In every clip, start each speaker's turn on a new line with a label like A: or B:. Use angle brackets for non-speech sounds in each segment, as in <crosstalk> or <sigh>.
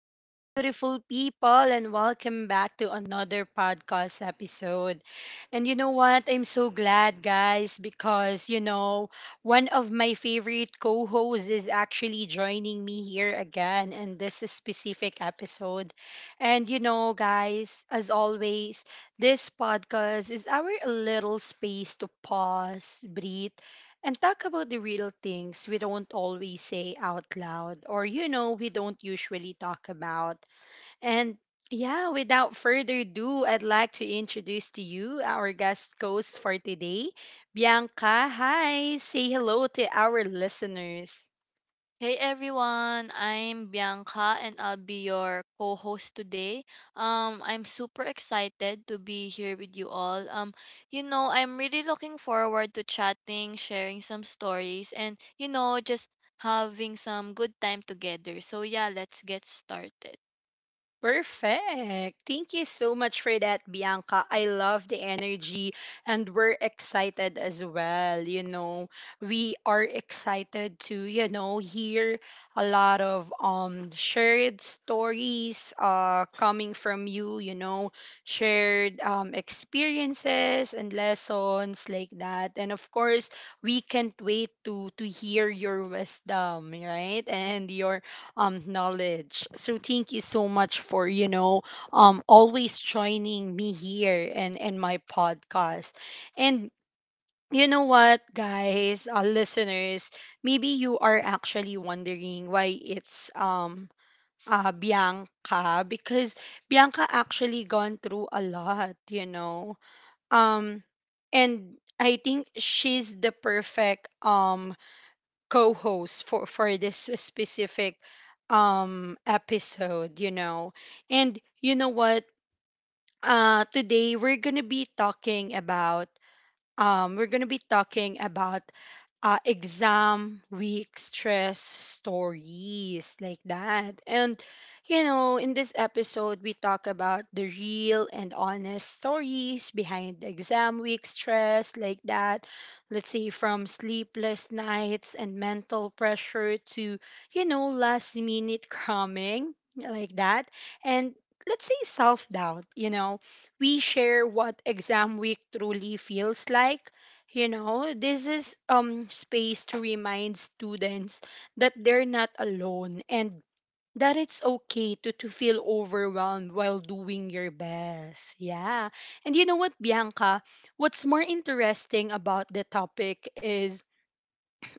A: Hello, beautiful people, and welcome back to another podcast episode. And you know what? I'm so glad, guys, because, one of my favorite co hosts is actually joining me here again in this specific episode. And, guys, as always, this podcast is our little space to pause, breathe, and talk about the real things we don't always say out loud, or we don't usually talk about. And yeah, without further ado, I'd like to introduce to you our guest host for today, Bianca. Hi, say hello to our listeners.
B: Hey everyone, I'm Bianca and I'll be your co-host today. I'm super excited to be here with you all. I'm really looking forward to chatting, sharing some stories, and just having some good time together. So yeah, let's get started.
A: Perfect. Thank you so much for that, Bianca. I love the energy, and we're excited as well. We are excited to, hear a lot of shared stories, coming from you, shared experiences and lessons, like that. And of course, we can't wait to hear your wisdom, right? And your knowledge. So thank you so much for, always joining me here, and my podcast. And you know what, guys? Listeners, maybe you are actually wondering why it's Bianca, because Bianca actually gone through a lot. Um and I think she's the perfect co-host for this specific episode. And you know what? Today we're going to be talking about, we're going to be talking about, exam week stress stories, like that. And, in this episode, we talk about the real and honest stories behind the exam week stress, like that. Let's say, from sleepless nights and mental pressure to, last minute cramming, like that. And let's say, self doubt. We share what exam week truly feels like. This is space to remind students that they're not alone, and that it's okay to feel overwhelmed while doing your best. Yeah. And you know what, Bianca? What's more interesting about the topic is,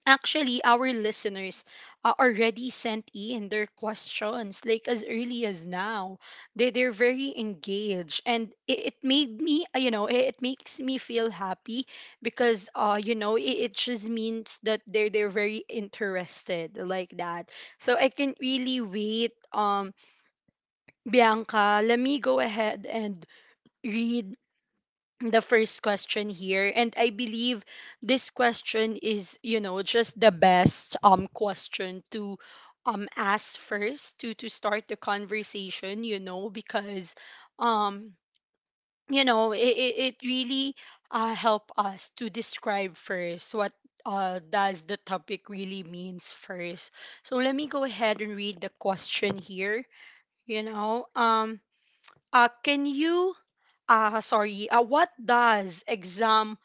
A: actually, our listeners already sent in their questions, like, as early as now. They're very engaged, and it made me, it makes me feel happy because it just means that they're very interested, like that. So I can really wait. Bianca, let me go ahead and read the first question here, and I believe this question is, you know, just the best question to ask first to start the conversation, you know. Because, um you know, it really, help us to describe first what, does the topic really means first. So let me go ahead and read the question here. you know um can you, sorry, what does exam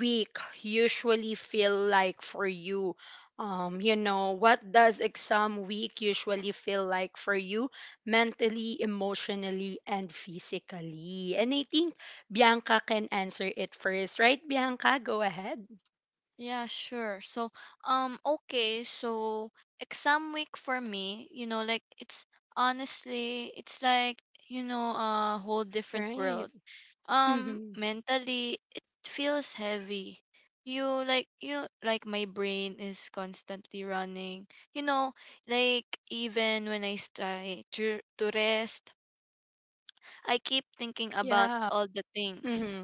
A: week usually feel like for you? You know, what does exam week usually feel like for you, mentally, emotionally, and physically? And I think Bianca can answer it first, right? Bianca, go ahead.
B: Yeah, sure. So okay, so exam week for me, like it's honestly it's like a whole different
A: Right.
B: world.
A: Mm-hmm.
B: Mentally, it feels heavy. You like you like my brain is constantly running, you know like even when I try to rest. I keep thinking about
A: Yeah.
B: all the things
A: Mm-hmm.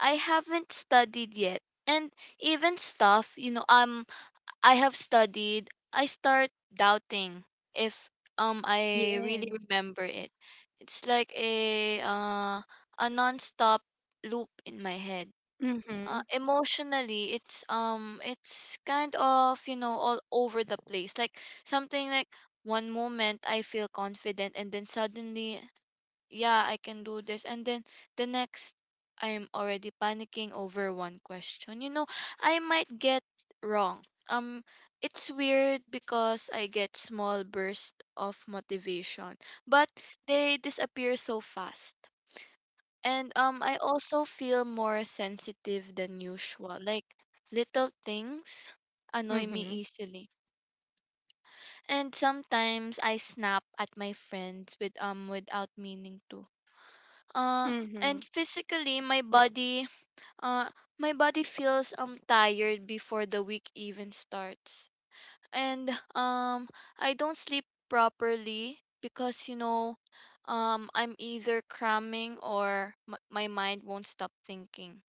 B: I haven't studied yet, and even stuff, I have studied, I start doubting if I
A: Yeah.
B: really remember it. It's like a non-stop loop in my head.
A: Mm-hmm.
B: Emotionally, it's kind of all over the place. Like, something like, one moment I feel confident and then suddenly yeah, I can do this. And then the next, I'm already panicking over one question I might get wrong. Um, it's weird because I get small bursts of motivation, but they disappear so fast. And I also feel more sensitive than usual. Like, little things annoy me
A: Mm-hmm.
B: easily, and sometimes I snap at my friends without meaning to. uh,
A: Mm-hmm.
B: and physically, uh, my body feels tired before the week even starts. And um I don't sleep properly because, I'm either cramming or my mind won't stop thinking.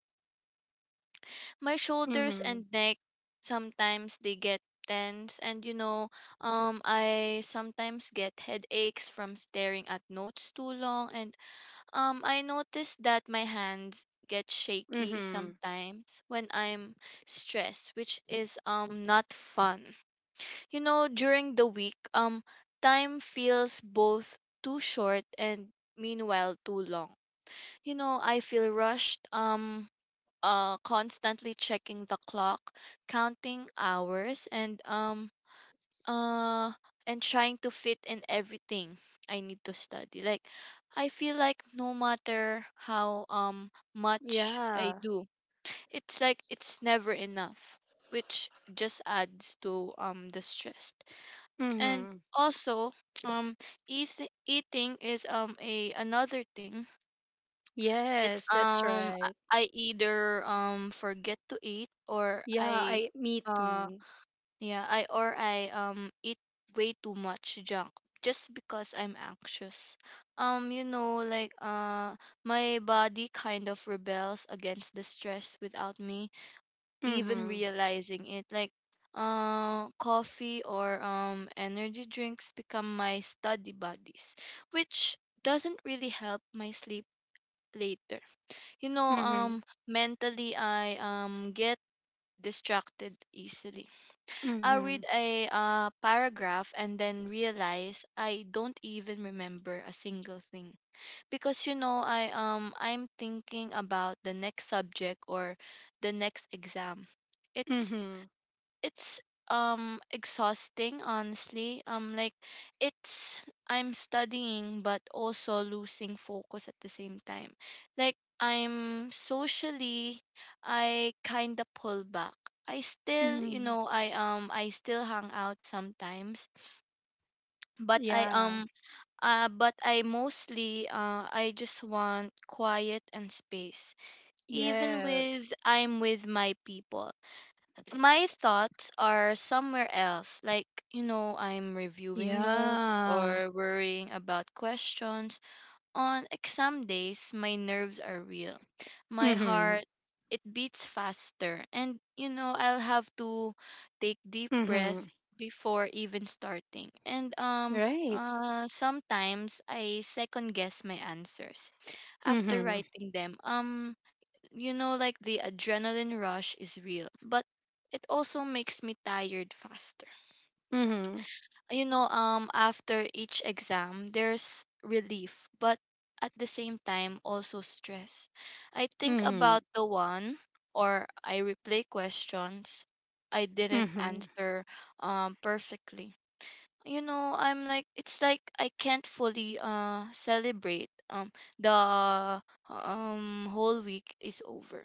B: My shoulders
A: Mm-hmm.
B: and neck, sometimes they get tense. And, I sometimes get headaches from staring at notes too long. And I noticed that my hands get shaky
A: Mm-hmm.
B: sometimes when I'm stressed, which is not fun. You know, during the week, time feels both too short and meanwhile too long. You know, I feel rushed, constantly checking the clock, counting hours, uh and trying to fit in everything I need to study. Like, I feel like no matter how much I
A: Yeah.
B: do, it's like it's never enough, which just adds to the stress. And
A: Mm-hmm.
B: also um eating is a another thing. It's
A: Yes, that's
B: I
A: right.
B: I either forget to eat,
A: Yeah, I me
B: uh
A: too.
B: or I eat way too much junk just because I'm anxious. Like, my body kind of rebels against the stress without me even
A: Mhm.
B: realizing it. Like, coffee or energy drinks become my study buddies, which doesn't really help my sleep later. You know,
A: Mhm.
B: mentally I get distracted easily. I read
A: Mhm.
B: a paragraph and then realize I don't even remember a single thing, because, I'm thinking about the next subject or the next exam. It's
A: Mhm.
B: it's exhausting, honestly. Like, it's I'm studying but also losing focus at the same time. Like, I'm socially, I kind of pull back. I still,
A: Mhm.
B: I still hang out sometimes, but i
A: Yeah.
B: um uh but I mostly I just want quiet and space. Even with
A: Yes.
B: I'm with my people, my thoughts are somewhere else. Like, you know, I'm reviewing notes
A: Yeah.
B: or worrying about questions. On exam days, my nerves are real. My
A: Mhm.
B: heart, it beats faster. And, you know, I'll have to take deep
A: Mhm.
B: breath before even starting. And
A: Right.
B: sometimes I second guess my answers after
A: Mhm.
B: writing them. Like, the adrenaline rush is real, but it also makes me tired faster.
A: Mhm.
B: You know, after each exam there's relief, but at the same time, also stress. I think about
A: Mhm.
B: the one, or I replay questions I didn't
A: Mhm.
B: answer perfectly. You know, I'm like, it's like I can't fully celebrate. The whole week is over.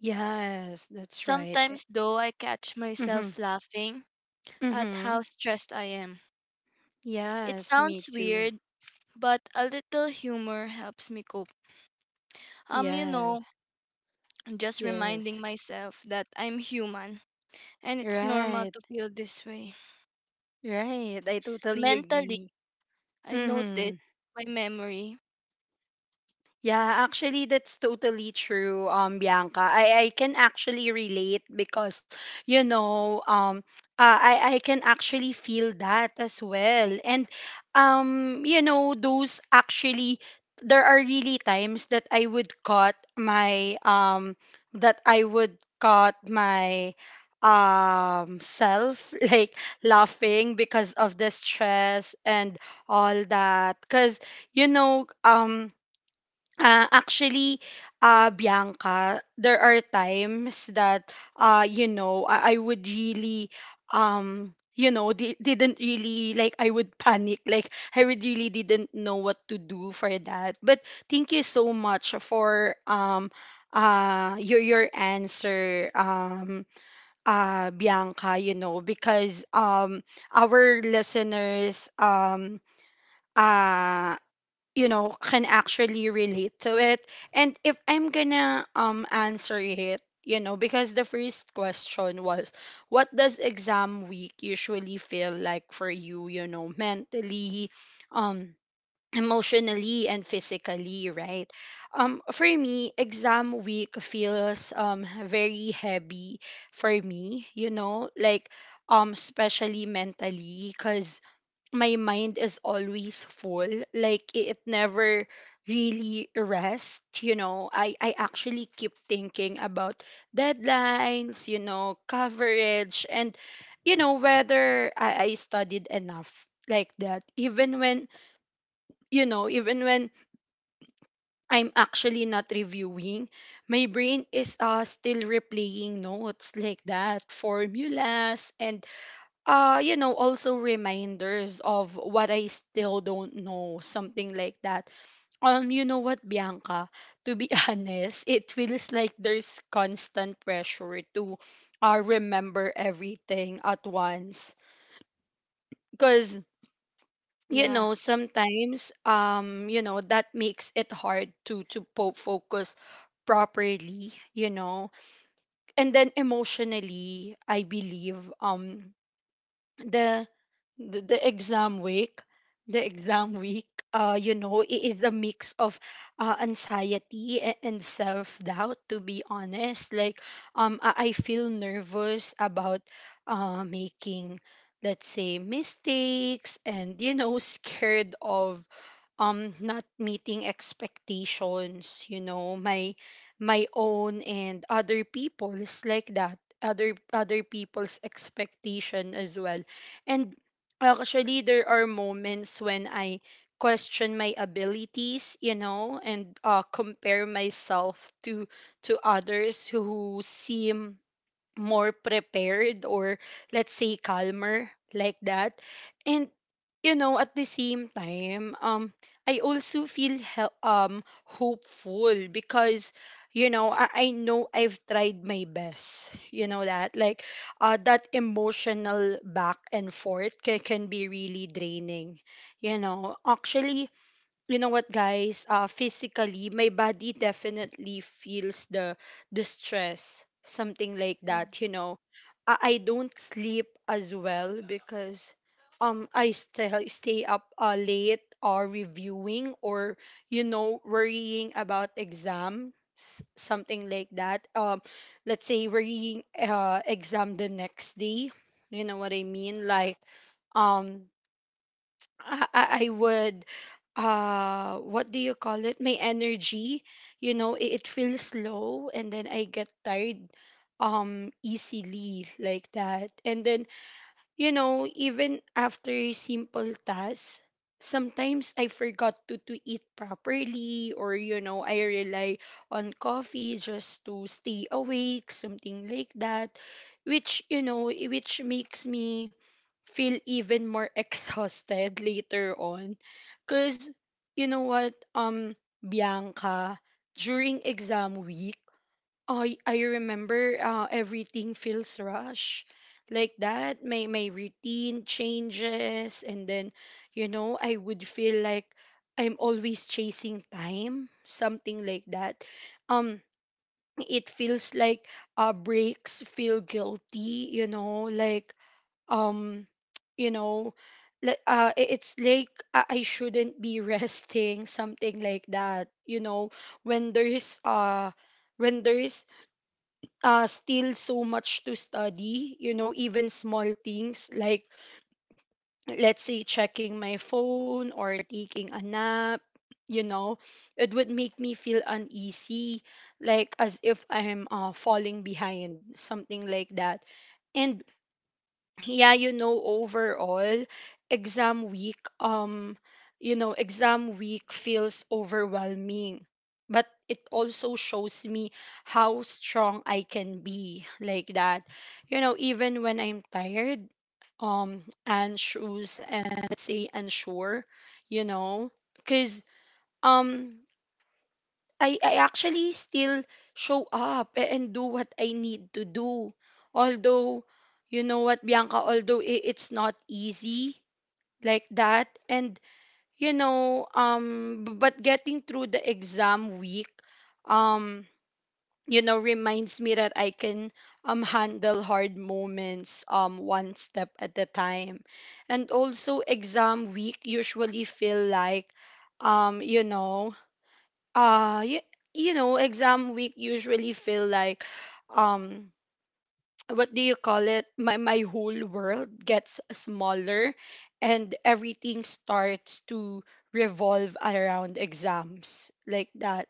A: Yes, that's right.
B: Sometimes, though, I catch
A: Mhm.
B: myself laughing at
A: Mhm.
B: how stressed I am. It
A: Yes, me
B: sounds
A: too.
B: weird, but a little humor helps me cope. Um, you
A: Yeah.
B: know, just reminding
A: Yes.
B: myself that I'm human and it's normal
A: Right.
B: to feel this way.
A: Right. I totally
B: Mentally,
A: agree.
B: I notice
A: Mhm.
B: my memory.
A: Yeah, actually that's totally true, Bianca. I can actually relate because, you know, um I can actually feel that as well. And, you know, those actually, there are really times that I would cut my that I would cut my self <laughs> like, laughing because of the stress and all that. Cause, you know, um actually, Bianca, there are times that, you know, I would really, you know, didn't really, like, I would <laughs> panic. Like, I would really didn't know what to do for that. But thank you so much for, your answer, Bianca, you know, because, our listeners, uh, you know, can actually relate to it. And if I'm gonna answer it, you know, because the first question was, what does exam week usually feel like for you, you know, mentally, um emotionally, and physically, right? For me, exam week feels very heavy for me, you know. Like, especially mentally, cuz my mind is always full, like, it never really rests, you know. I actually keep thinking about deadlines, you know, coverage, and, you know, whether I studied enough, like that, even when, you know, even when I'm actually not reviewing, my brain is, still replaying notes, like that, formulas, and, you know, also reminders of what I still don't know, something like that. You know what, Bianca? To be <laughs> honest, it feels like there's constant pressure to remember everything at once, because, you
B: Yeah.
A: know, sometimes, you know, that makes it hard to focus properly, you know. And then, emotionally, I believe, the the, the exam week the exam week, you know, it is a mix of, anxiety, and self doubt, to be honest. Like, I feel nervous about, making, let's say, mistakes, and, you know, <laughs> scared of, not meeting expectations, you know. My own and other people's, like that, other people's expectation as well. And actually, there are moments when I question my abilities, you know, and, compare myself to others who seem more prepared, or, let's say, calmer, like that. And, you know, at the same time, I also feel hopeful, because, you know, I know I've tried my best, you know. That, like, that emotional back and forth can be really draining, you know. Actually, you know what, guys? Physically, my body definitely feels the stress, something like
B: Yeah,
A: that, you know. I don't sleep as well because I still stay up, late or reviewing, or, you know, worrying about exams, something like that. Let's say, worrying, exam the next day, you know what I mean. Like, um I would, what do you call it, my energy, you know, it feels low, and then I get tired easily, like that. And then, you know, even after simple tasks, sometimes I forgot to eat properly, or, you know, I rely on coffee just to stay awake, something like that, which, you know, which makes me feel even more <laughs> exhausted later on. Because, you know what, Bianca, during exam week, I remember, everything feels rush, like that. My routine changes, and then, you know, I would feel like I'm always chasing time, something like that. Um, it feels like, breaks feel guilty, you know. Like, um, you know, like, it's like I shouldn't be <laughs> resting, something like that, you know, when there's, when there's still so much to study, you know. Even small things, like, let's say, checking my phone or taking a nap, you know, it would make me feel uneasy, like, as if I'm, falling behind, something like that. And yeah, you know, overall, exam week, you know, exam week feels overwhelming, but it also shows me how strong I can be, like that, you know, even when I'm tired, and shoes, and, let's say, unsure, you know. Because, um I actually still show up, and do what I need to do. Although, you know what, Bianca, although it's not easy, like that. And, you know, but getting through the exam week, um, you know, reminds me that I can, handle hard moments, one step at a time. And also, exam week usually feel like, you know, uh you, you know, exam week usually feel like, um what do you call it, my whole world gets smaller, and everything starts to revolve around exams, like that.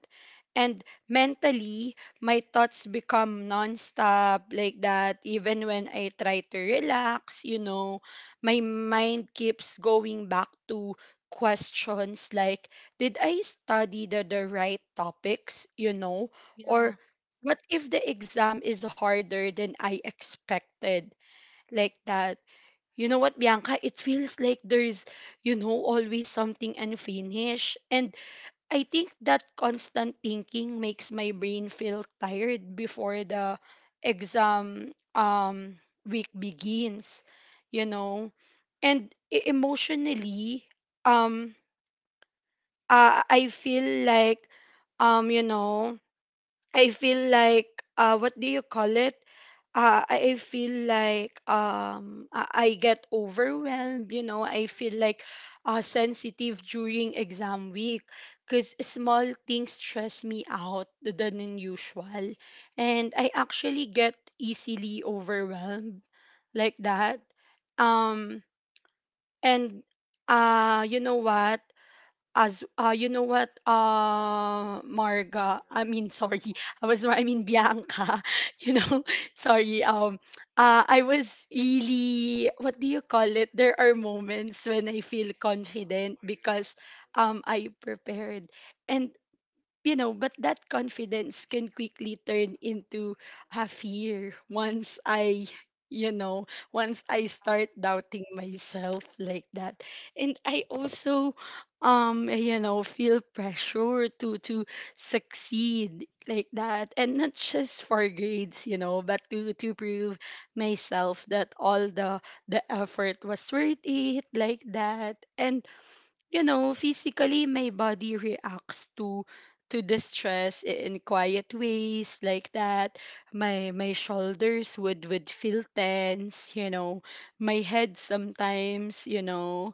A: And mentally, my thoughts become nonstop, like that, even when I try to relax, you know. My mind keeps going back to questions like, did I study the right topics, you know?
B: yeah,
A: Or, what if the exam is harder than I expected? Like that. You know what, Bianca? It feels like there's, you know, always something unfinished. And I think that constant thinking makes my brain feel tired before the exam week begins, you know? And, emotionally, um, I feel like, you know, I feel like, what do you call it? I feel like, I get overwhelmed. You know, I feel like, sensitive during exam week because small things stress me out than usual, and I actually get easily overwhelmed, like that. Um, and, you know what? As you know what, Marga, I mean, sorry, <laughs> I was, I mean, Bianca, <laughs> you know, <laughs> sorry. I was really, what do you call it? There are moments when I feel confident because I prepared, and you know, but that confidence can quickly turn into a fear once I, you know, once I
B: uh,
A: start doubting myself like that. And I also, you know, feel pressure to succeed like that, and not just for grades, you know, but to prove myself that all the effort was worth it like that, and you know, physically my body reacts to the stress in quiet ways like that. My shoulders would feel tense, you know. My head sometimes, you know,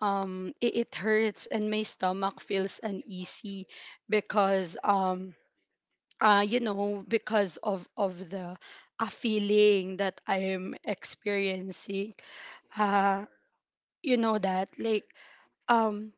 A: it hurts and my stomach feels uneasy because you know because of the a feeling that I am experiencing. Uh you know that like um,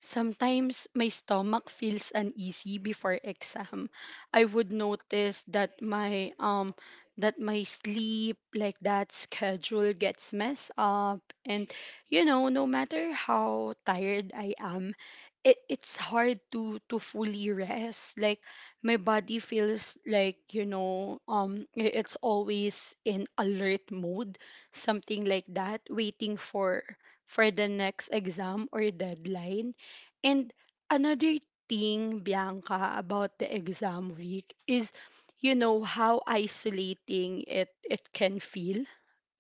A: sometimes my stomach feels uneasy before exam. I would notice that my that my sleep like that schedule gets messed up and you know no matter how tired I am it's hard to fully rest, like my body feels like you know it's always in alert mode, something like that, waiting for the next exam or deadline. And another thing, Bianca, about the exam week is, you know, how isolating it can feel,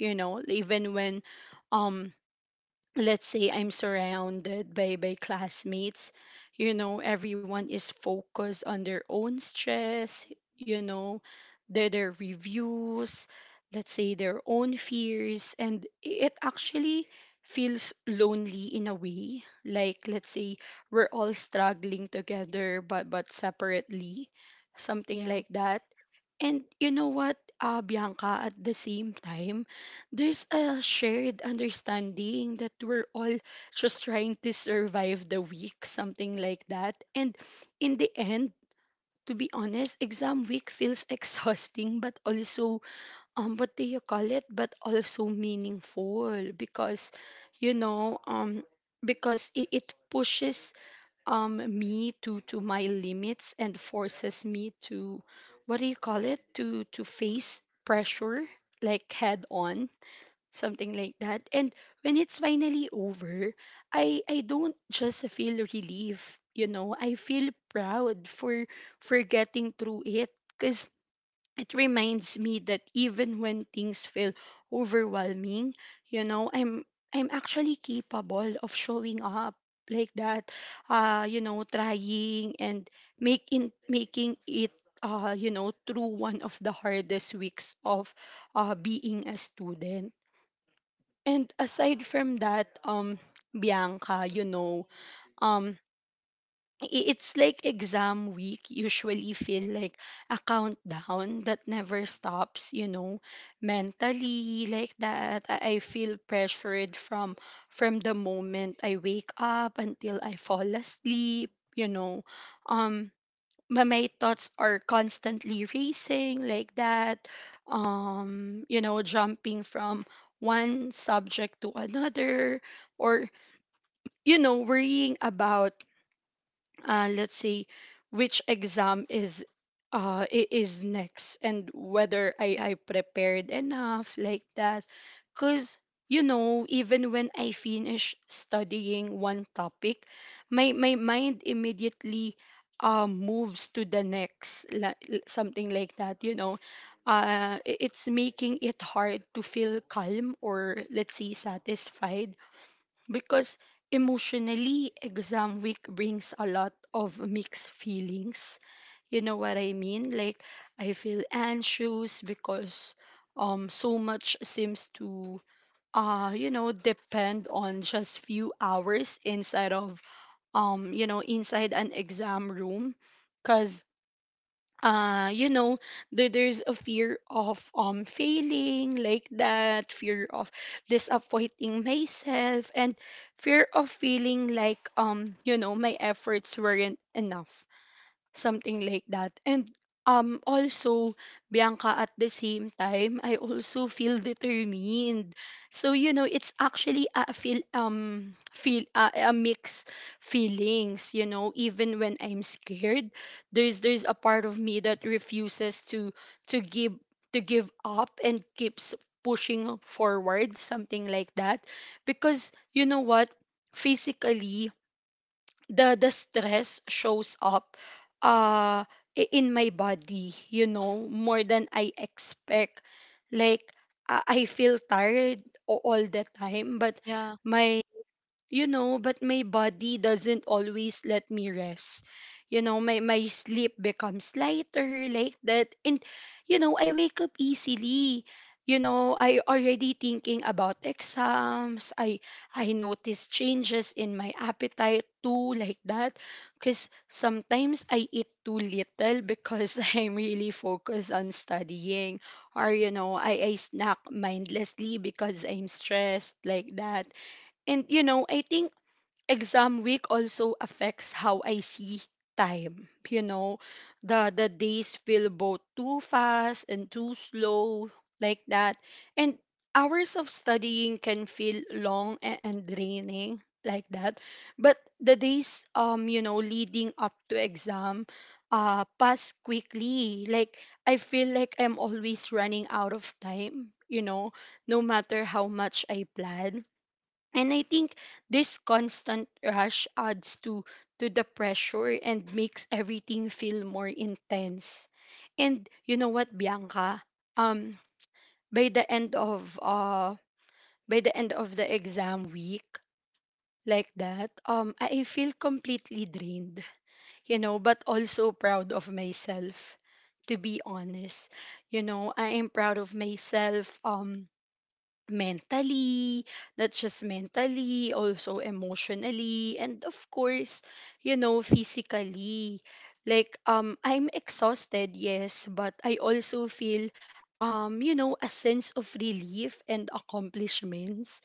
A: you know, even when um let's say I'm surrounded by classmates, you know, everyone is focused on their own stress, you know, their reviews, let's say their own fears, and it actually feels lonely in a way. Like let's say we're all struggling together but separately, something
B: yeah,
A: like that. And you know what, Bianca, at the same time, there's a shared understanding that we're all just trying to survive the week, something like that. And in the end, to be honest, exam week feels <laughs> exhausting, but also, what do you call it? But also meaningful because, you know, because it pushes me to my limits and forces me to, what do you call it, to face pressure like head on, something like that. And when it's finally over, I don't just feel relief, you know, I feel proud for getting through it, because it reminds me that even when things feel overwhelming, you know, I'm actually capable of showing up like that, you know, trying and making it, you know, through one of the hardest weeks of, being a student. And aside from that, Bianca, you know, um, it's like exam week usually feel like a countdown that never stops, you know. Mentally like that, I feel pressured from the moment I wake up until I fall asleep, you know. um my thoughts are constantly racing like that, you know, jumping from one subject to another, or you know, worrying about, let's see, which exam is, is next, and whether I prepared enough like that. Because you know, even when I finish studying one topic, my mind immediately moves to the next, like something like that, you know. It's making it hard to feel calm, or let's say satisfied, because emotionally exam week brings a lot of mixed feelings, you know what I mean. Like I feel anxious because so much seems to, you know, depend on just few hours inside of, you know, inside an exam room. Cuz you know, there's a fear of failing like that, fear of disappointing myself, and fear of feeling like, you know, my efforts weren't enough, something like that. And also, Bianca, at the same time I also feel determined. So you know, it's actually a mix feelings, you know. Even when I'm scared, there's a part of me that refuses to to give give up and keeps pushing forward, something like that. Because you know what, physically the stress shows up, uh in my body, you know, more than I expect. like i I feel tired all the time, but
B: yeah,
A: my you know, but my body doesn't always let me rest, you know. My sleep becomes lighter like that, and you know, I wake up easily, you know, I already thinking about exams. I notice changes in my appetite too like that, because sometimes I eat too little because <laughs> I'm really focused on studying, or you know, I snack mindlessly because I'm stressed like that. And you know, I think exam week also affects how I see time. You know, the days feel both too fast and too slow like that. And hours of studying can feel long and draining like that. But the days, you know, leading up to exam, pass quickly. Like I feel like I'm always running out of time, you know, no matter how much I plan. And I think this constant rush adds to the pressure and makes everything feel more intense. And you know what, Bianca? Um, by the end of, the exam week, like that, I feel completely drained, you know, but also proud of myself, to be honest. You know, I am proud of myself. Mentally, not just mentally, also emotionally, and of course, you know, physically. Like I'm exhausted, yes, but I also feel, you know, a sense of relief and accomplishments.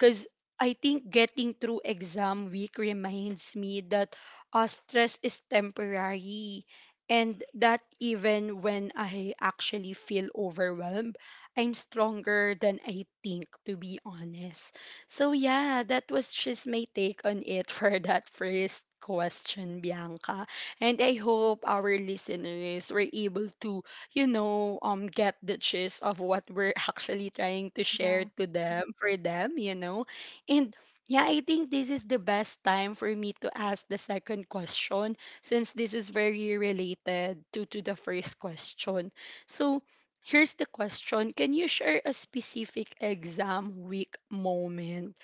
A: Cuz I think getting through exam week reminds me that, stress is temporary, and that even when I actually feel overwhelmed, I'm stronger than I think, to be honest. So, yeah, that was just my take on it <laughs> for that first question, Bianca. And I hope our listeners were able to, you know, get the gist of what we're <laughs> actually trying to share
B: yeah,
A: to them, for them, you know. And yeah, I think this is the best time for me to ask the second question, since this is very related to, the first question. So, here's the question. Can you share a specific exam week moment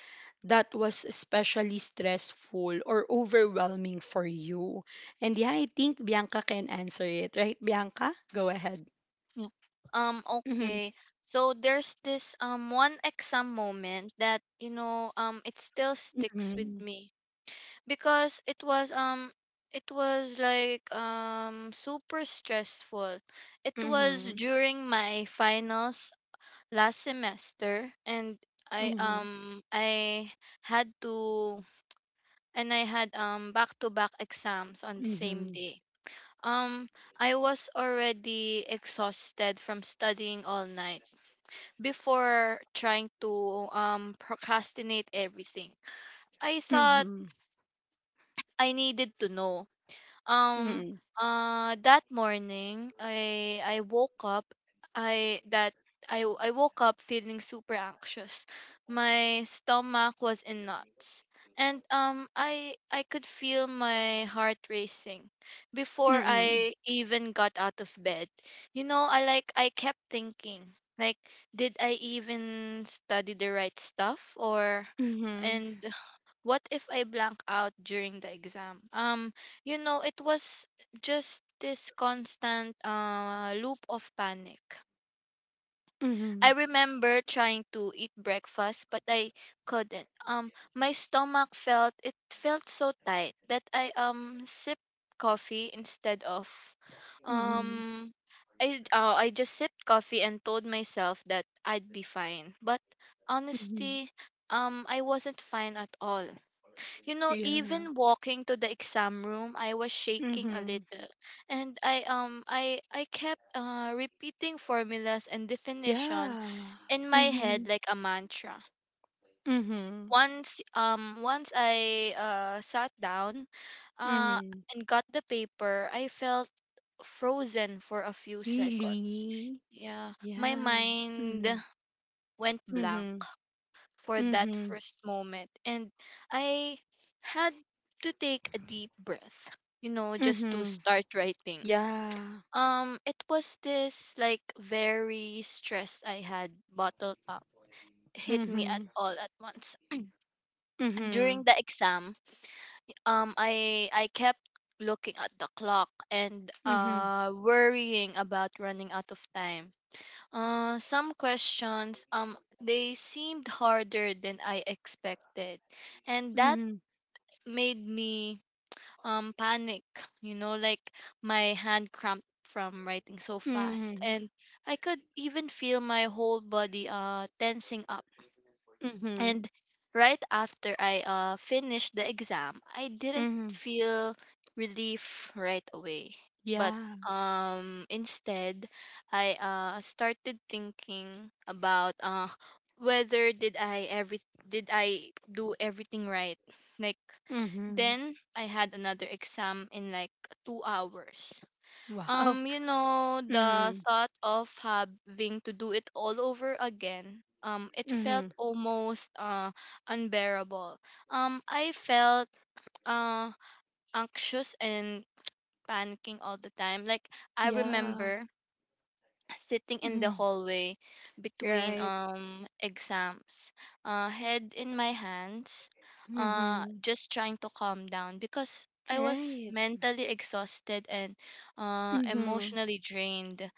A: that was especially stressful or overwhelming for you? And yeah, I think Bianca can answer it, right? Bianca, go ahead.
B: yeah. Um,
A: Mhm,
B: okay. So there's this one exam moment that, it still sticks with
A: mhm,
B: me. Because it was like super stressful. It was
A: mhm,
B: during my finals last semester, and I
A: mhm,
B: um I had to, and I had back to back exams on the same
A: mhm,
B: day. Um I was already exhausted from studying all night before, trying to procrastinate everything. I thought
A: mhm,
B: I needed to know. Um
A: mhm,
B: that morning I that I woke up feeling super anxious. My stomach was in knots. And I could feel my heart racing before
A: mhm,
B: I even got out of bed. You know, I kept thinking like, did I even study the right stuff, or
A: mhm,
B: and what if I blank out during the exam? It was just this constant loop of panic.
A: mhm,
B: I remember trying to eat breakfast, but I couldn't. My stomach felt so tight that I sipped coffee instead of,
A: mhm,
B: um I just sipped coffee and told myself that I'd be fine. But
A: mhm.
B: honestly, I wasn't fine at all. You know,
A: Yeah.
B: even walking to the exam room, I was shaking a
A: Mhm.
B: little, and I kept repeating formulas and definition
A: Yeah.
B: in my head
A: Mhm.
B: like a mantra.
A: Mhm.
B: Once I sat down uh
A: Mhm.
B: and got the paper, I felt frozen for a few seconds.
A: Really?
B: Yeah, my
A: Yeah.
B: mind
A: Mhm.
B: went blank
A: Mhm.
B: for that
A: Mhm.
B: first moment. And I had to take a deep breath, you know, just to
A: Mhm.
B: start writing.
A: Yeah.
B: It was this, like, very stress I had bottled up hit me at
A: Mhm.
B: all at once. And during
A: Mhm.
B: the exam, I kept looking at the clock and
A: Mhm.
B: worrying about running out of time. Some questions, they seemed harder than I expected, and that
A: Mhm.
B: made me panic. Like, my hand cramped from writing so fast,
A: Mhm.
B: and I could even feel my whole body tensing up.
A: Mhm.
B: And right after I finished the exam, I didn't
A: Mhm.
B: feel relief right away. But
A: Yeah.
B: instead, I started thinking about whether did I do everything right. Like,
A: Mhm.
B: then I had another exam in like 2 hours.
A: Wow.
B: The
A: Mhm.
B: thought of having to do it all over again, it felt
A: Mhm.
B: almost unbearable. I felt uh anxious and panicking all the time. Like, I
A: Yeah.
B: remember sitting in the
A: Mhm.
B: hallway between
A: Right.
B: exams, head in my hands,
A: Mhm.
B: just trying to calm down because I was
A: Right.
B: mentally exhausted and
A: Mhm.
B: emotionally drained.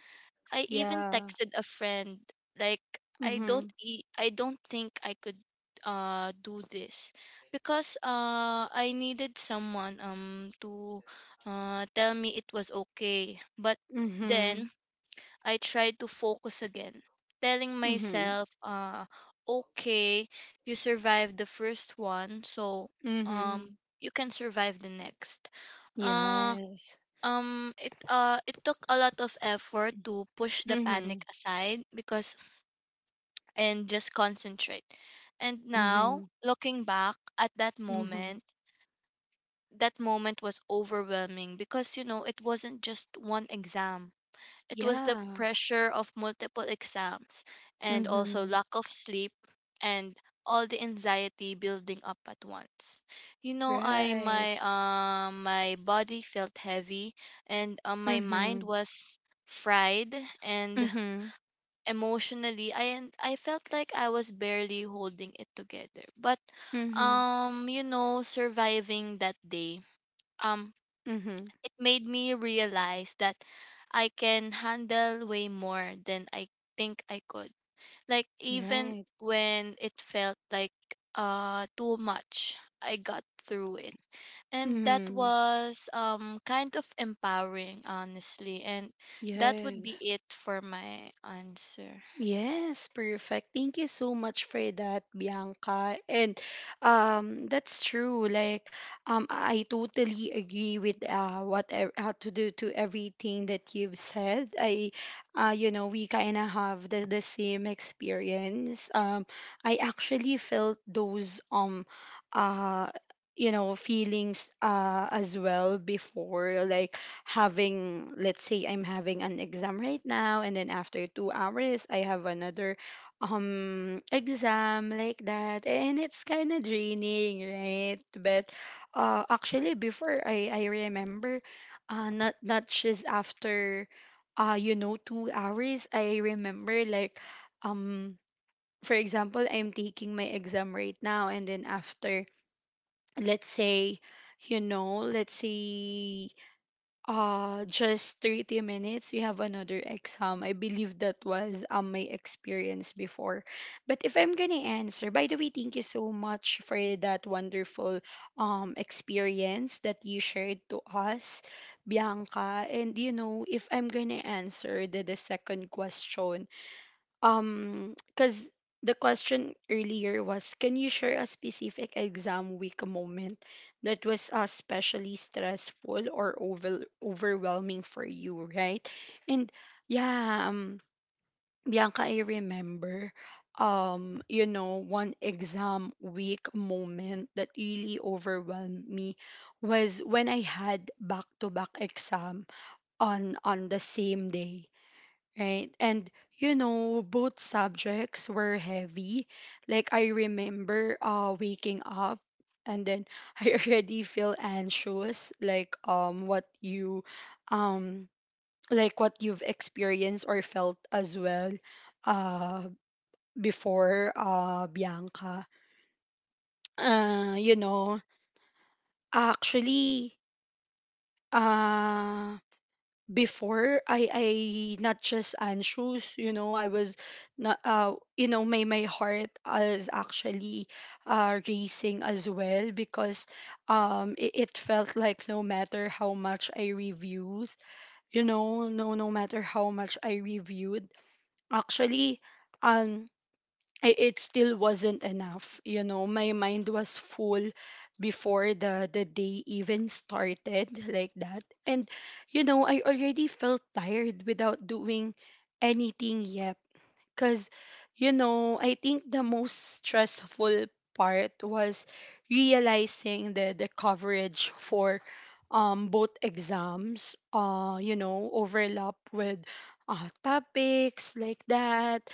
B: I even
A: Yeah.
B: texted a friend like,
A: Mhm.
B: I don't think I could do this because I needed someone to tell me it was okay. But
A: Mhm.
B: then I tried to focus again, telling
A: Mhm.
B: myself okay, you survived the first one, so um
A: Mhm.
B: you can survive the next. Uh,
A: Yes.
B: it took a lot of effort to push the panic
A: Mhm.
B: aside, because and just concentrate. And now,
A: Mhm.
B: looking back at that
A: Mhm.
B: moment, that moment was overwhelming because, you know, it wasn't just one exam. It was the
A: Yeah.
B: pressure of multiple exams, and also
A: Mhm.
B: lack of sleep, and all the anxiety building up at once. You know, I
A: Right.
B: my my body felt heavy and my mind
A: Mhm.
B: was fried, and
A: Mhm.
B: emotionally, I, and I felt like I was barely holding it together. But
A: Mhm.
B: surviving that day, Um
A: Mhm.
B: it made me realize that I can handle way more than I think I could. Like, even
A: Right.
B: when it felt like too much, I got through it. And that
A: Mhm.
B: was kind of empowering, honestly. And that would
A: Yes.
B: be it for my answer.
A: Yes, perfect. Thank you so much for that, Bianca. And that's true. Like, I totally agree with, what ev- to do to everything that you've said. I, you know, we kind of have the same experience. I actually felt those, uh, you know, feelings as well before. Like, having let's say I'm having an exam right now, and then after 2 hours I have another exam like that, and it's kind of draining, right? But actually before, I remember, not not just after, you know, 2 hours. I remember like, um for example, I'm taking my exam right now, and then after, let's say, you know let's say just 30 minutes. You have another exam. I believe that was, my experience before. But if I'm gonna answer, by the way, thank you so much for that wonderful experience that you shared to us, Bianca. And you know, if I'm gonna answer the second question, because the question earlier was, can you share a specific exam week moment that was especially stressful or overwhelming for you, right? And yeah, Bianca, I remember, you know, one exam week moment that really overwhelmed me was when I had back-to-back exam on the same day. Right. And you know, both subjects were heavy. Like I remember waking up, and then <laughs> I already feel anxious, like what you, um like what you've experienced or felt as well, uh before, Bianca. You know, actually, uh before I not just anxious, you know, I was not, you know, my heart is actually racing as well, because it felt like no matter how much I reviews, you know, no, no matter how much I reviewed, actually, um I, it still wasn't enough. You know, my mind was full before the day even started like that. And, I already felt tired without doing anything yet, cuz I think the most stressful part was realizing the coverage for both exams, overlap with topics like that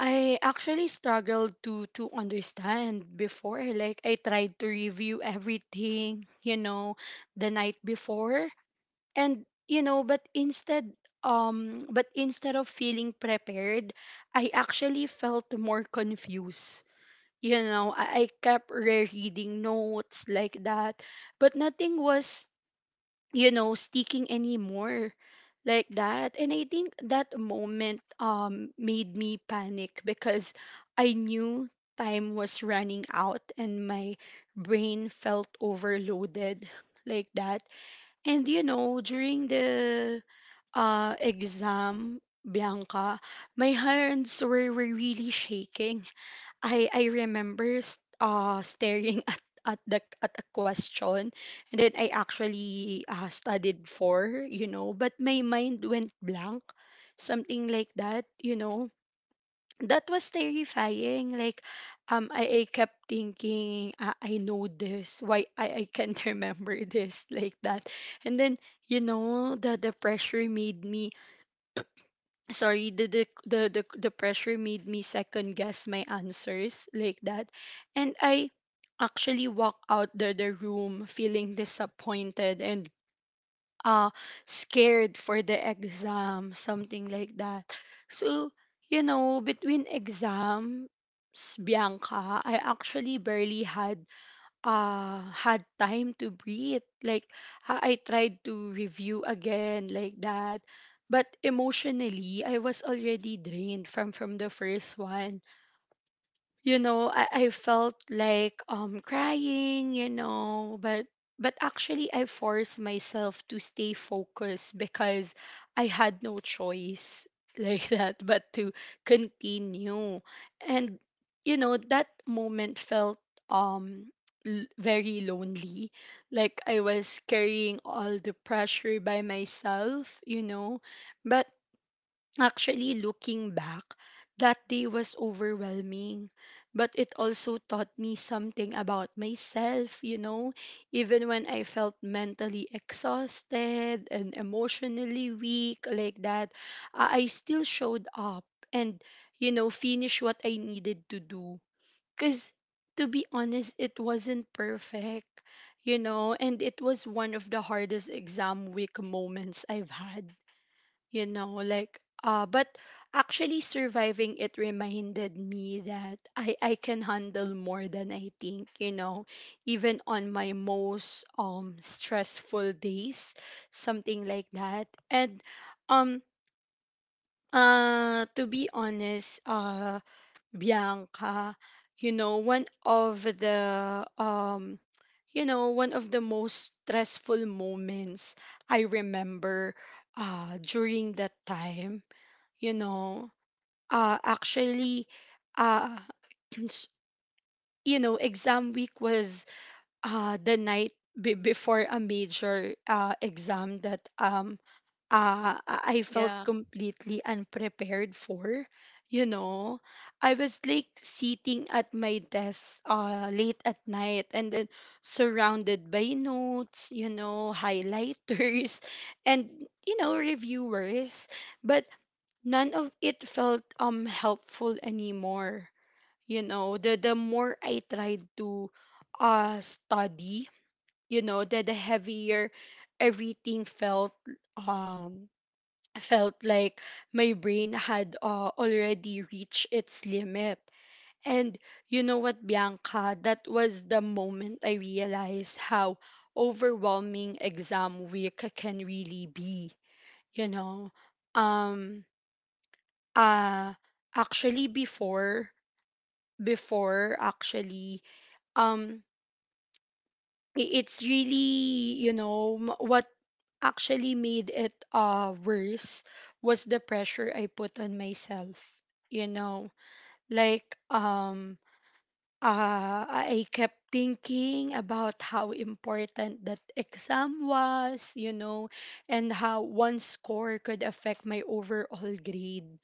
A: I actually struggled to understand before. Like I tried to review everything, the night before. And, but instead of feeling prepared, I actually felt more confused. I kept rereading notes like that, but nothing was sticking anymore, like that. And I think that moment made me panic because I knew time was running out and my brain felt overloaded, like that. And during the exam, Bianca, my hands were really shaking. I remember staring <laughs> at the at a question, and then I actually studied for, but my mind went blank, something like that. That was terrifying. I kept thinking, I know this. Why I can't <laughs> remember this, like that. And then, you know, the the pressure made me the pressure made me second guess my answers, like that. And I actually walk out the room feeling disappointed and uh scared for the exam, something like that. So, between exams, Bianca, I actually barely had time to breathe. Like, I tried to review again, like that, but emotionally I was already drained from the first one. I felt like crying, but actually I forced myself to stay focused because I had no choice <laughs> like that, but to continue. And that moment felt um very lonely, like I was carrying all the pressure by myself, but... Actually, looking back, that day was overwhelming, but it also taught me something about myself, even when I felt mentally exhausted and emotionally weak, like that, I still showed up and, finished what I needed to do. Because, to be honest, it wasn't perfect, and it was one of the hardest exam week moments I've had. But actually, surviving it reminded me that I can handle more than I think, even on my most stressful days, something like that. And um to be honest, Bianca, you know one of the um one of the most stressful moments I remember during that time, you know actually uh <clears throat> s- exam week was the before a major exam that I felt
B: Yeah.
A: completely unprepared for. you know I was like sitting at my desk late at night, and then surrounded by notes, highlighters <laughs> and, reviewers. But none of it felt helpful anymore. The more I tried to study, the heavier everything felt. um Felt like my brain had already reached its limit. And you know what, Bianca, that was the moment I realized how overwhelming exam week can really be, you know. Um uh Actually, before before actually um it's really, what actually made it worse was the pressure I put on myself. You know, like um I kept thinking about how important that exam was, and how one score could affect my overall grade,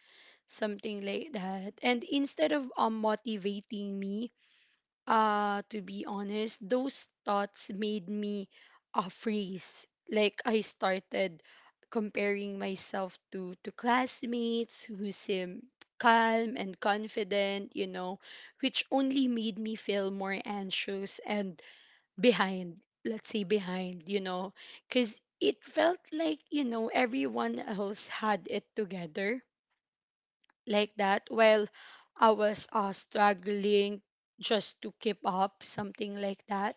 A: something like that. And instead of motivating me, to be honest, those thoughts made me freeze. Like I started comparing myself to classmates who seem calm and confident, which only made me feel more anxious and behind. Let's say behind, because it felt like everyone else had it together, like that, while I was struggling just to keep up, something like that.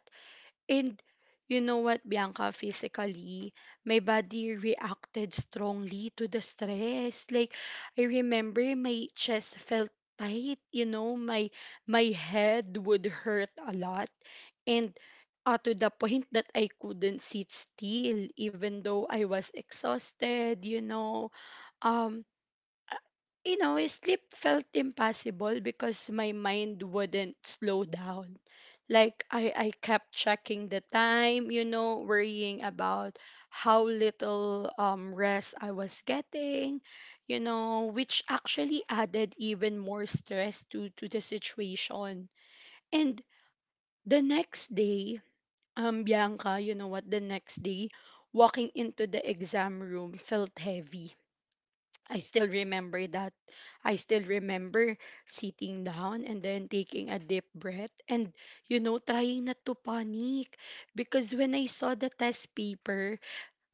A: And you know what, Bianca, physically, my body reacted strongly to the stress. Like, I remember my chest felt tight, my head would hurt a lot. And to the point that I couldn't sit still, even though I was exhausted. Um, uh, Sleep felt impossible because my mind wouldn't slow down. Like I kept checking the time, worrying about how little rest I was getting, which actually added even more stress to the situation. And the next day, Bianca, you know what, the next day, walking into the exam room felt heavy. I still remember that. I still remember sitting down and then taking a deep breath and, trying not to panic. Because when I saw the test paper,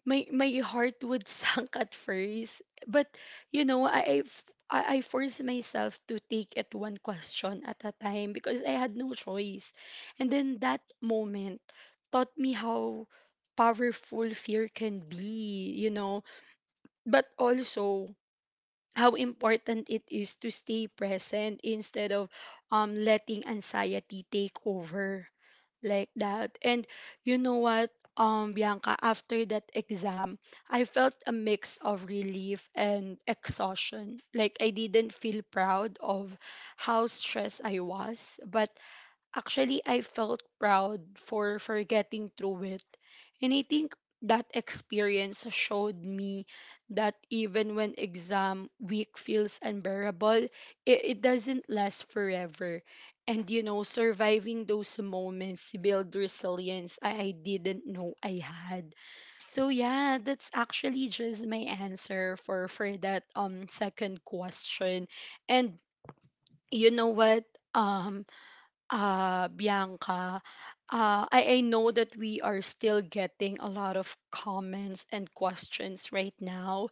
A: my heart would <laughs> sunk at first. But, you know, I, f- I forced myself to take it one question at a time because I had no choice. And then that moment taught me how powerful fear can be, but also how important it is to stay present instead of letting anxiety take over, like that. And you know what, Bianca, after that exam, I felt a mix of relief and exhaustion. Like, I didn't feel proud of how stressed I was, but... Actually, I felt proud for getting through it. And I think that experience showed me that even when exam week feels unbearable, it doesn't last forever. And you know, surviving those moments build resilience I didn't know I had. So yeah, that's actually just my answer for that second question. And you know what? Um Bianca, I know that we are still getting a lot of comments and questions right now,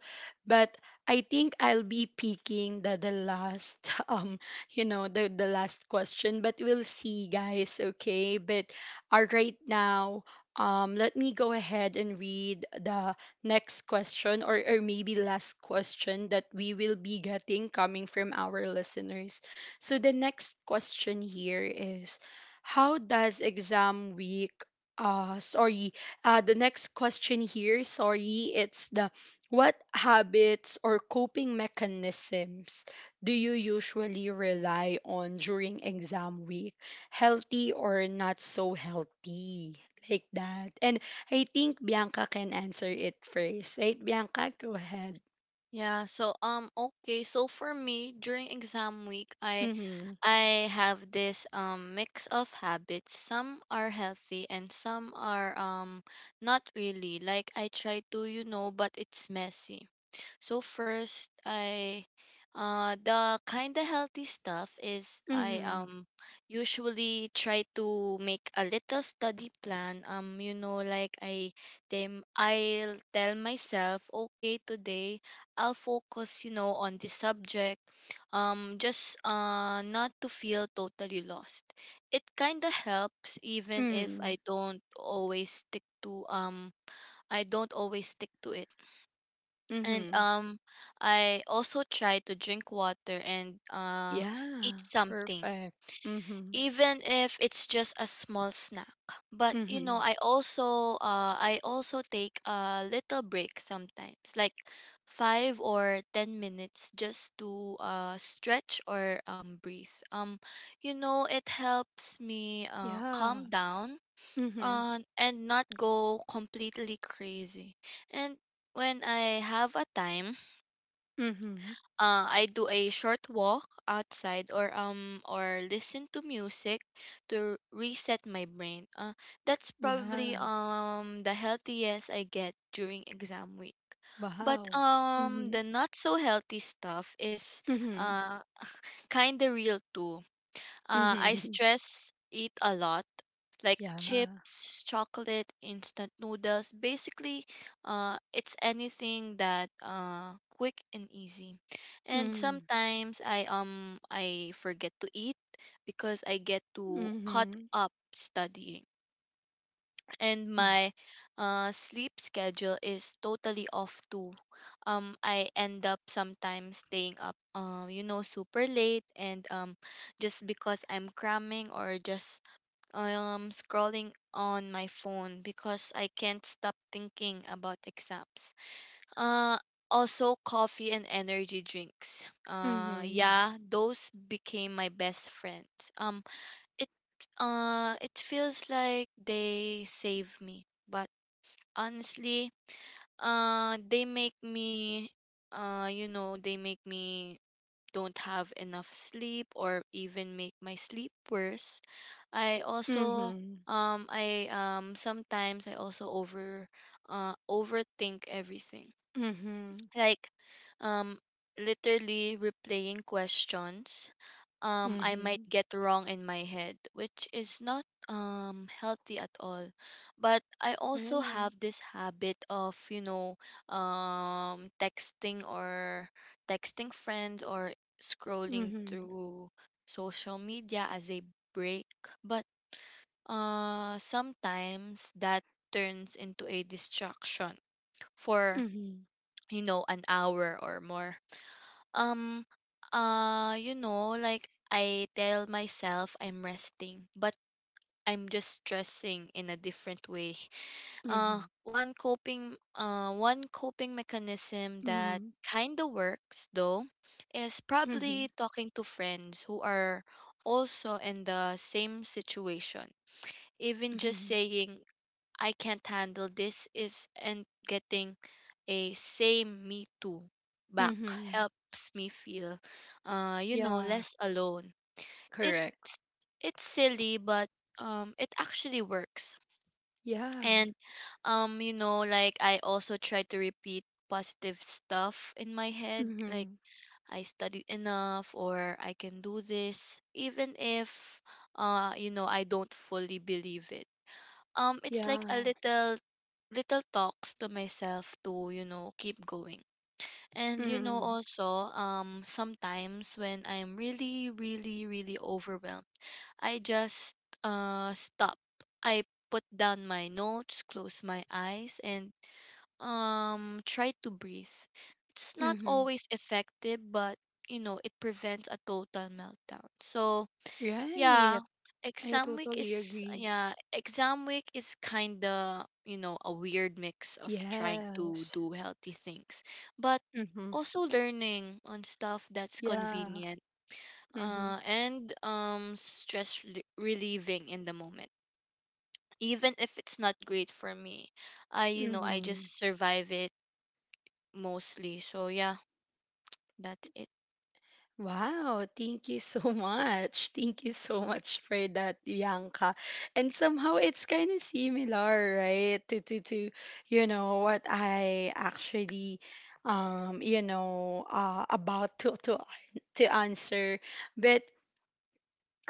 A: but I think I'll be picking the <laughs> you know, the last question, but we'll see, guys, okay? But right now, let me go ahead and read the next question or maybe last question that we will be getting coming from our listeners. So the next question here is, how does exam week sorry, the next question here, sorry, it's the, what habits or coping mechanisms do you usually rely on during exam week, healthy or not so healthy, like that. And I think Bianca can answer it first, right, Bianca, go ahead.
B: Yeah, so okay, so for me during exam week, I
A: Mhm.
B: I have this mix of habits. Some are healthy, and some are not really. Like, I try to, you know, but it's messy. So first, I the kind of healthy stuff is, I
A: Mhm.
B: usually try to make a little study plan. Like, I'll tell myself, okay, today I'll focus, on the subject, just not to feel totally lost. It kind of helps, even if
A: Mhm.
B: I don't always stick to it. And
A: Mhm.
B: I also try to drink water and eat
A: Yeah,
B: something,
A: perfect. Mhm.
B: even if it's just a small snack. But you know,
A: Mhm.
B: I also I also take a little break sometimes, like 5 or 10 minutes, just to stretch or breathe. You know, it helps me
A: Yeah.
B: calm down,
A: Mhm.
B: and not go completely crazy. And when I have a time,
A: Mhm.
B: I do a short walk outside or or listen to music to reset my brain. That's
A: Yeah.
B: probably the healthiest I get during exam week. But
A: Wow. Mhm.
B: the not so healthy stuff is
A: Mhm.
B: uh kind of real too. I
A: Mhm. <laughs>
B: stress eat a lot, like
A: Yeah.
B: chips, chocolate, instant noodles. Basically, it's anything that quick and easy. And
A: Mm.
B: sometimes I forget to eat because I get too caught
A: Mhm.
B: up studying. And
A: Mm.
B: my sleep schedule is totally off too. I end up sometimes staying up, super late, and just because I'm cramming, or just scrolling on my phone because I can't stop thinking about exams. Uh, Also coffee and energy drinks.
A: Mhm.
B: Yeah, those became my best friends. It it feels like they save me, but honestly, they make me they make me don't have enough sleep or even make my sleep worse. I also
A: Mhm.
B: I sometimes I also overthink everything,
A: Mhm.
B: like um literally replaying questions I might
A: Mhm.
B: get wrong in my head, which is not healthy at all. But I also
A: Right.
B: have this habit of, you know, um texting or texting friends or scrolling
A: Mhm.
B: through social media as a break. But sometimes that turns into a distraction for
A: Mhm.
B: you know an hour or more. um you know, like I tell myself I'm resting but I'm just stressing in a different way. <laughs>
A: Mhm.
B: One coping mechanism that
A: Mhm.
B: kind of works though is
A: Mhm.
B: probably talking to friends who are also in the same situation. Even just
A: Mhm.
B: saying "I can't handle this" is and getting a "same, me too" back
A: Mhm.
B: helps me feel, you know,
A: Yeah.
B: less alone. It's
A: Correct.
B: it's silly but it actually works.
A: Yeah.
B: And you know, like I also try to repeat positive stuff in my head, like
A: Mhm.
B: "I studied enough" or "I can do this", even if, you know, I don't fully believe it. It's like a
A: Yeah.
B: little talks to myself to, you know, keep going. And you know,
A: Mhm.
B: also sometimes when I'm really, really, really overwhelmed, I just stop I Put down my notes, close my eyes, and try to breathe. It's not
A: Mhm.
B: always effective, but you know, it prevents a total meltdown. So yeah,
A: Right. I
B: exam week
A: totally
B: is
A: agree.
B: yeah, exam week is kind of, you know, a weird mix of trying to
A: Yes.
B: do healthy things, but
A: Mm-hmm.
B: also learning on stuff that's
A: Yeah.
B: convenient,
A: Mm-hmm.
B: and stress relieving in the moment. Even if it's not great for me, I
A: Mm-hmm.
B: just survive it mostly. So yeah, that's it.
A: Wow, thank you so <laughs> much. Thank you so much for that, Bianca. And somehow it's kind of similar, right? What I actually, about to answer. But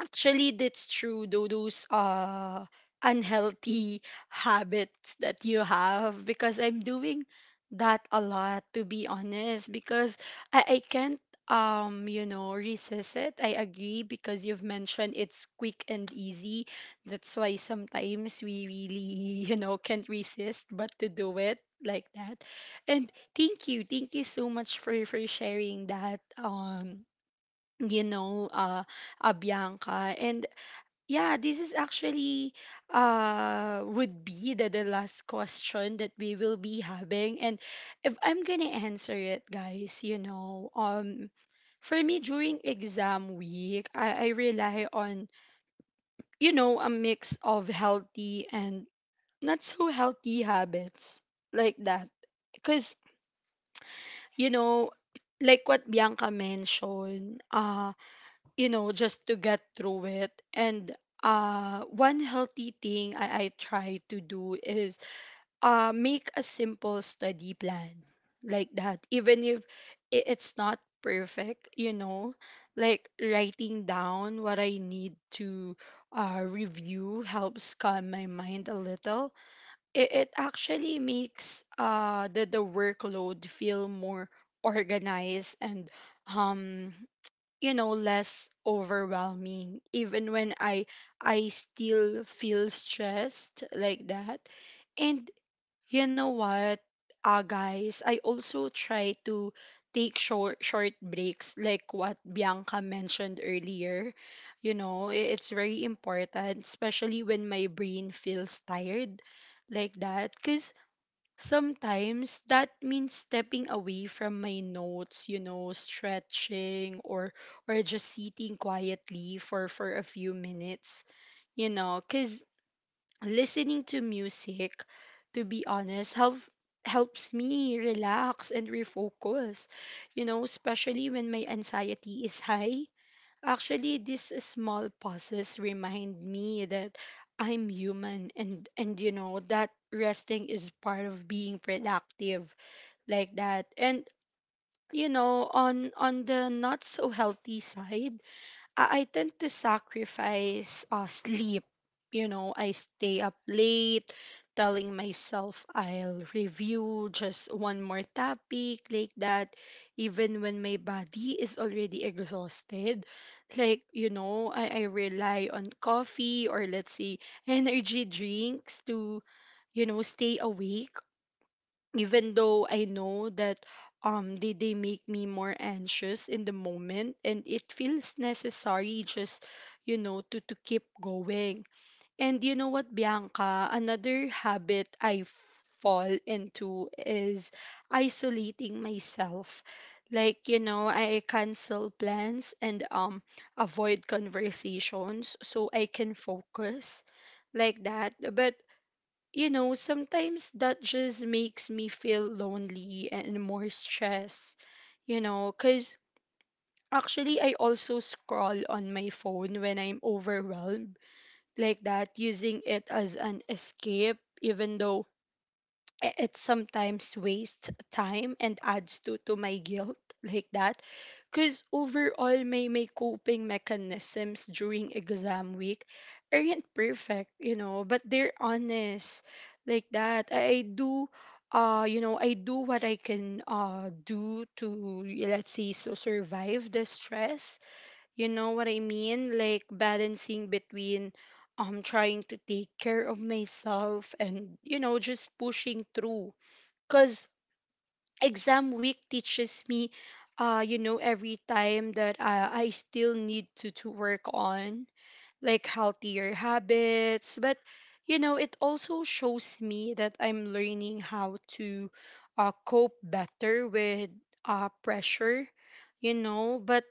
A: actually, that's true. Though those unhealthy <laughs> habits that you have, because I'm doing that a lot, to be honest, because I can't resist it. I agree because you've mentioned it's quick and easy. That's why sometimes we really <laughs> can't resist but to do it, like that. And thank you so much for sharing that. You know, uh, Bianca. And yeah, this is actually would be the last question that we will be having. And if I'm gonna answer it, guys, for me during exam week, I rely on, a mix of healthy and not so healthy habits, like that. Because, you know, like what Bianca mentioned, just to get through it. And one healthy thing I try to do is make a simple study plan, like that, even if it's not perfect, like writing down what I need to review helps calm my mind a little. It actually makes the workload feel more organized and um less overwhelming, even when I still feel stressed, like that. And you know what, guys, I also try to take short breaks, like what Bianca mentioned earlier. It's very important, especially when my brain feels tired, like that, cause. Sometimes that means stepping away from my notes, stretching or just sitting quietly for a few minutes, cuz listening to music, to be honest, helps me relax and refocus. Especially when my anxiety is high. Actually, these small pauses remind me that I'm human, and that resting is part of being productive, like that. And you know, on the not so healthy side, I tend to sacrifice sleep. You know, I stay up late telling myself I'll review just one more topic, like that, even when my body is already exhausted. Like, you know, I rely on coffee or let's say energy drinks to, you know, stay awake even though I know that they make me more anxious in the moment, and it feels necessary just to keep going. And you know what, Bianca, another habit I fall into is isolating myself. Like, you know, I cancel plans and avoid conversations so I can focus, like that. But you know, sometimes that just makes me feel lonely and more stressed, you know, because actually I also scroll on my phone when I'm overwhelmed, like that, using it as an escape, even though it sometimes wastes time and adds to my guilt, like that, because overall my coping mechanisms during exam week aren't perfect, you know, but they're honest, like that. I do you know, I do what I can do to, let's say, survive the stress, you know what I mean? Like balancing between trying to take care of myself and, you know, just pushing through. Cause exam week teaches me, you know, every time that I still need to work on like healthier habits, but you know it also shows me that I'm learning how to cope better with pressure, you know. But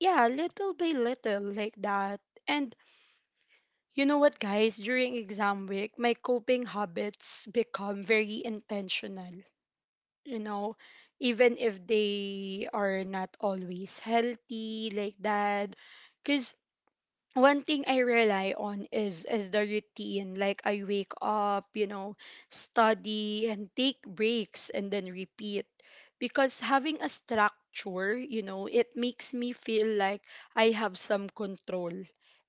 A: yeah, little by little, like that. And you know what, guys, during exam week my coping habits become very intentional, you know, even if they are not always healthy, like that, because one thing I rely on is the routine. Like I wake up, you know, study and take breaks and then repeat. Because having a structure, you know, it makes me feel like I have some control.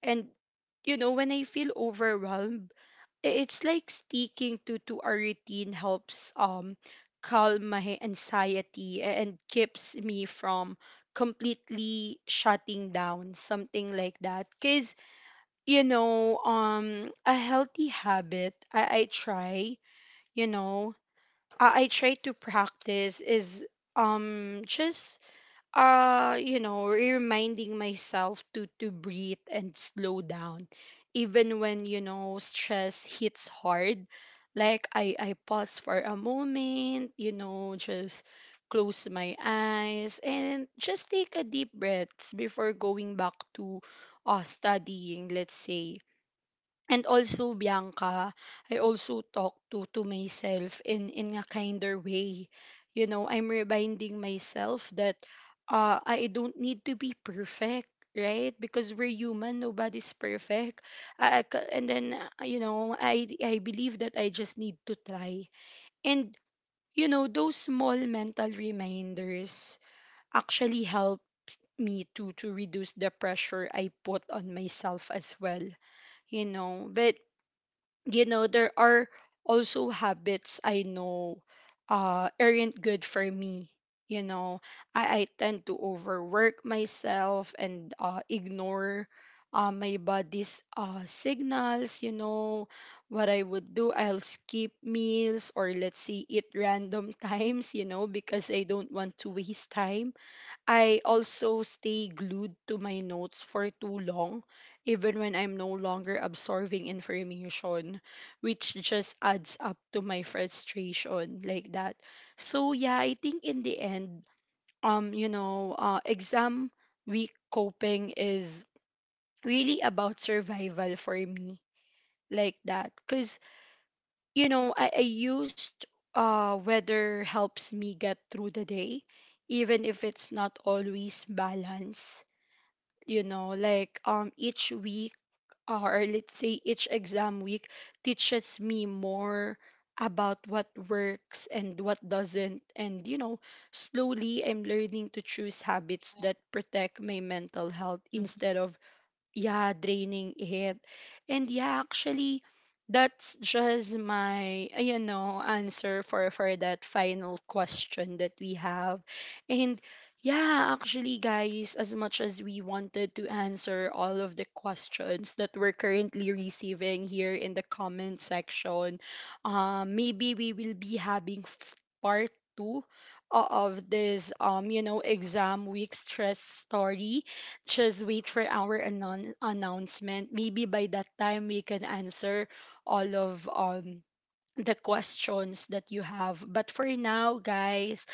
A: And you know, when I feel overwhelmed, it's like sticking to a routine helps calm my anxiety and keeps me from completely shutting down, something like that. Cause you know, a healthy habit I try, you know, I try to practice is just you know, reminding myself to breathe and slow down even when, you know, stress hits hard. Like I pause for a moment, you know, just close my eyes and just take a deep breath before going back to studying, let's say. And also, Bianca, I also talk to myself in a kinder way. You know, I'm reminding myself that I don't need to be perfect, right? Because we're human, nobody's perfect. I ca- and then you know, I believe that I just need to try. And you know, those small mental reminders actually help me to reduce the pressure I put on myself as well, you know. But you know, there are also habits I know aren't good for me, you know. I tend to overwork myself and ignore my body's signals, you know. What I would do, I'll skip meals or let's say eat random <laughs> times, you know, because I don't want to waste time. I also stay glued to my notes for too long, even when I'm no longer absorbing information, which just adds up to my frustration, like that. So yeah, I think in the end, you know, exam week coping is really about survival for me, like that. Cause you know, I used weather helps me get through the day, even if it's not always balanced, you know. Like each week, or let's say each exam week, teaches me more about what works and what doesn't. And you know, slowly I'm learning to choose habits that protect my mental health
B: Mhm.
A: instead of yeah draining it. And yeah, actually that's just my you know, answer for that final question that we have. And yeah, actually, guys, as much as we wanted to answer all of the questions that we're currently receiving here in the comment section, maybe we will be having part 2 of this you know, exam week stress story. Just wait for our announcement. Maybe by that time we can answer all of the questions that you have. But for now, guys,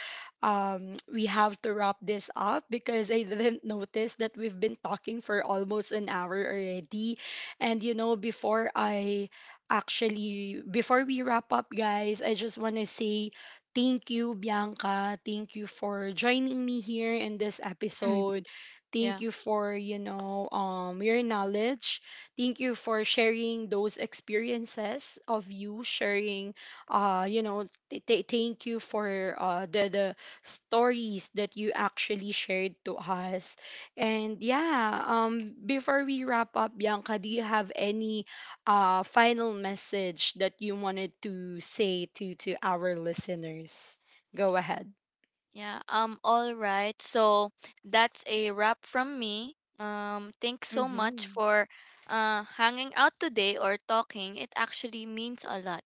A: we have to wrap this up because I didn't notice that we've been talking for almost an hour already. And you know, before I actually, before we wrap up, guys, I just want to say thank you, Bianca. Thank you for joining me here in this
B: Mm.
A: episode. Thank
B: Yeah.
A: you for, you know, your knowledge. Thank you for sharing those experiences of you sharing. You know, thank you for the stories that you actually shared to us. And yeah, before we wrap up, Bianca, do you have any final message that you wanted to say to our listeners? Go ahead.
B: Yeah, all right. So that's a wrap from me. Thanks so much
A: Mm-hmm.
B: for hanging out today or talking. It actually means a lot.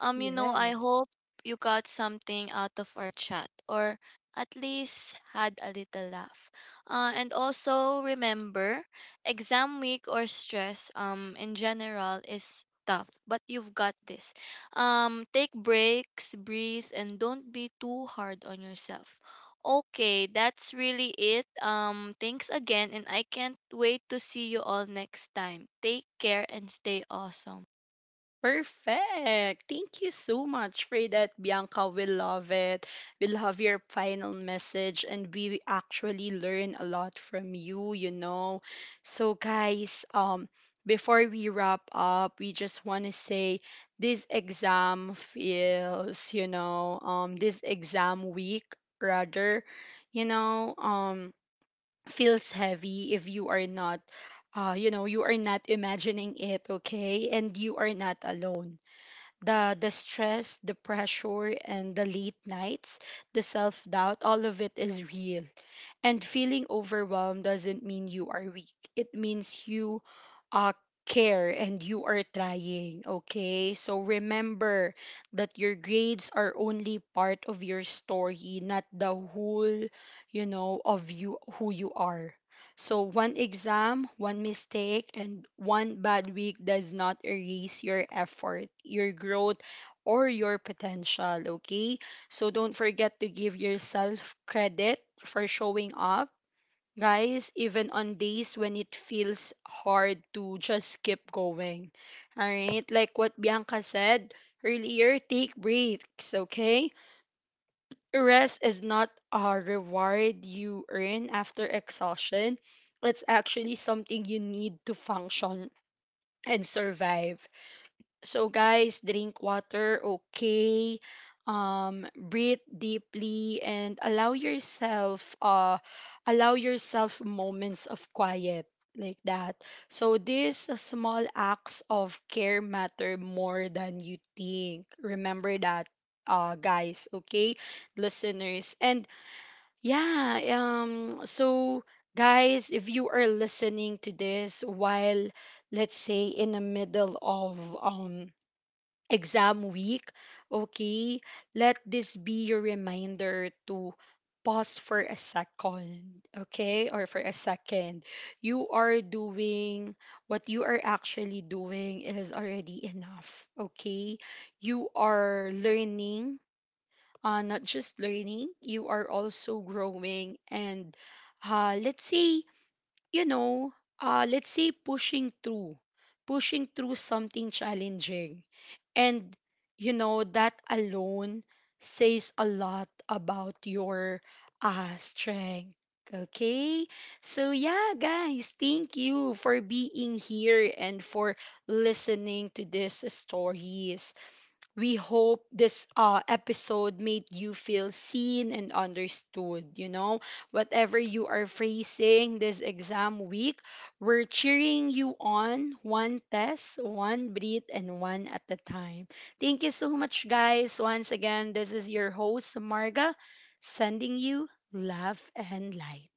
B: You know, I
A: Yes.
B: hope you got something out of our chat, or at least had a little laugh. And also, remember, exam week or stress, in general, is tough, but you've got this. Take breaks, breathe, and don't be too hard on yourself. Okay, that's really it. Thanks again, and I can't wait to see you all next time. Take care and stay awesome.
A: Perfect. Thank you so much for that, Bianca. We love it. We love your final message, and we actually learn a lot from you, you know. So, guys, before we wrap up, we just want to say this exam week rather, you know, feels heavy. If you are not, you know, you are not imagining it, okay, and you are not alone. The stress, the pressure and the late nights, the self-doubt, all of it is real. And feeling overwhelmed doesn't mean you are weak. It means you uh, care and you are trying, okay? So remember that your grades are only part of your story, not the whole, you know, of you, who you are. So one exam, one mistake, and one bad week does not erase your effort, your growth, or your potential, okay? So don't forget to give yourself credit for showing up, guys, even on days when it feels hard to just keep going. All right? Like what Bianca said earlier, take breaks, okay? Rest is not a reward you earn after exhaustion, it's actually something you need to function and survive. So guys, drink water, okay? Breathe deeply and allow yourself moments of quiet, like that. So these small acts of care matter more than you think. Remember that, guys, okay? Listeners. And yeah, so guys, if you are listening to this while, let's say, in the middle of exam week, okay, let this be your reminder to pause for a second, okay, or for a second. You are doing what you are actually doing is already enough, okay? You are learning, not just learning, you are also growing and, let's say, you know, let's say pushing through something challenging. And, you know, that alone says a lot about your strength. Okay? So, yeah, guys, thank you for being here and for listening to this story. We hope this episode made you feel seen and understood. You know, whatever you are facing this exam week, we're cheering you on, one test, one breath, and one at a time. Thank you so much, guys. Once again, this is your host, Marga, sending you love and light.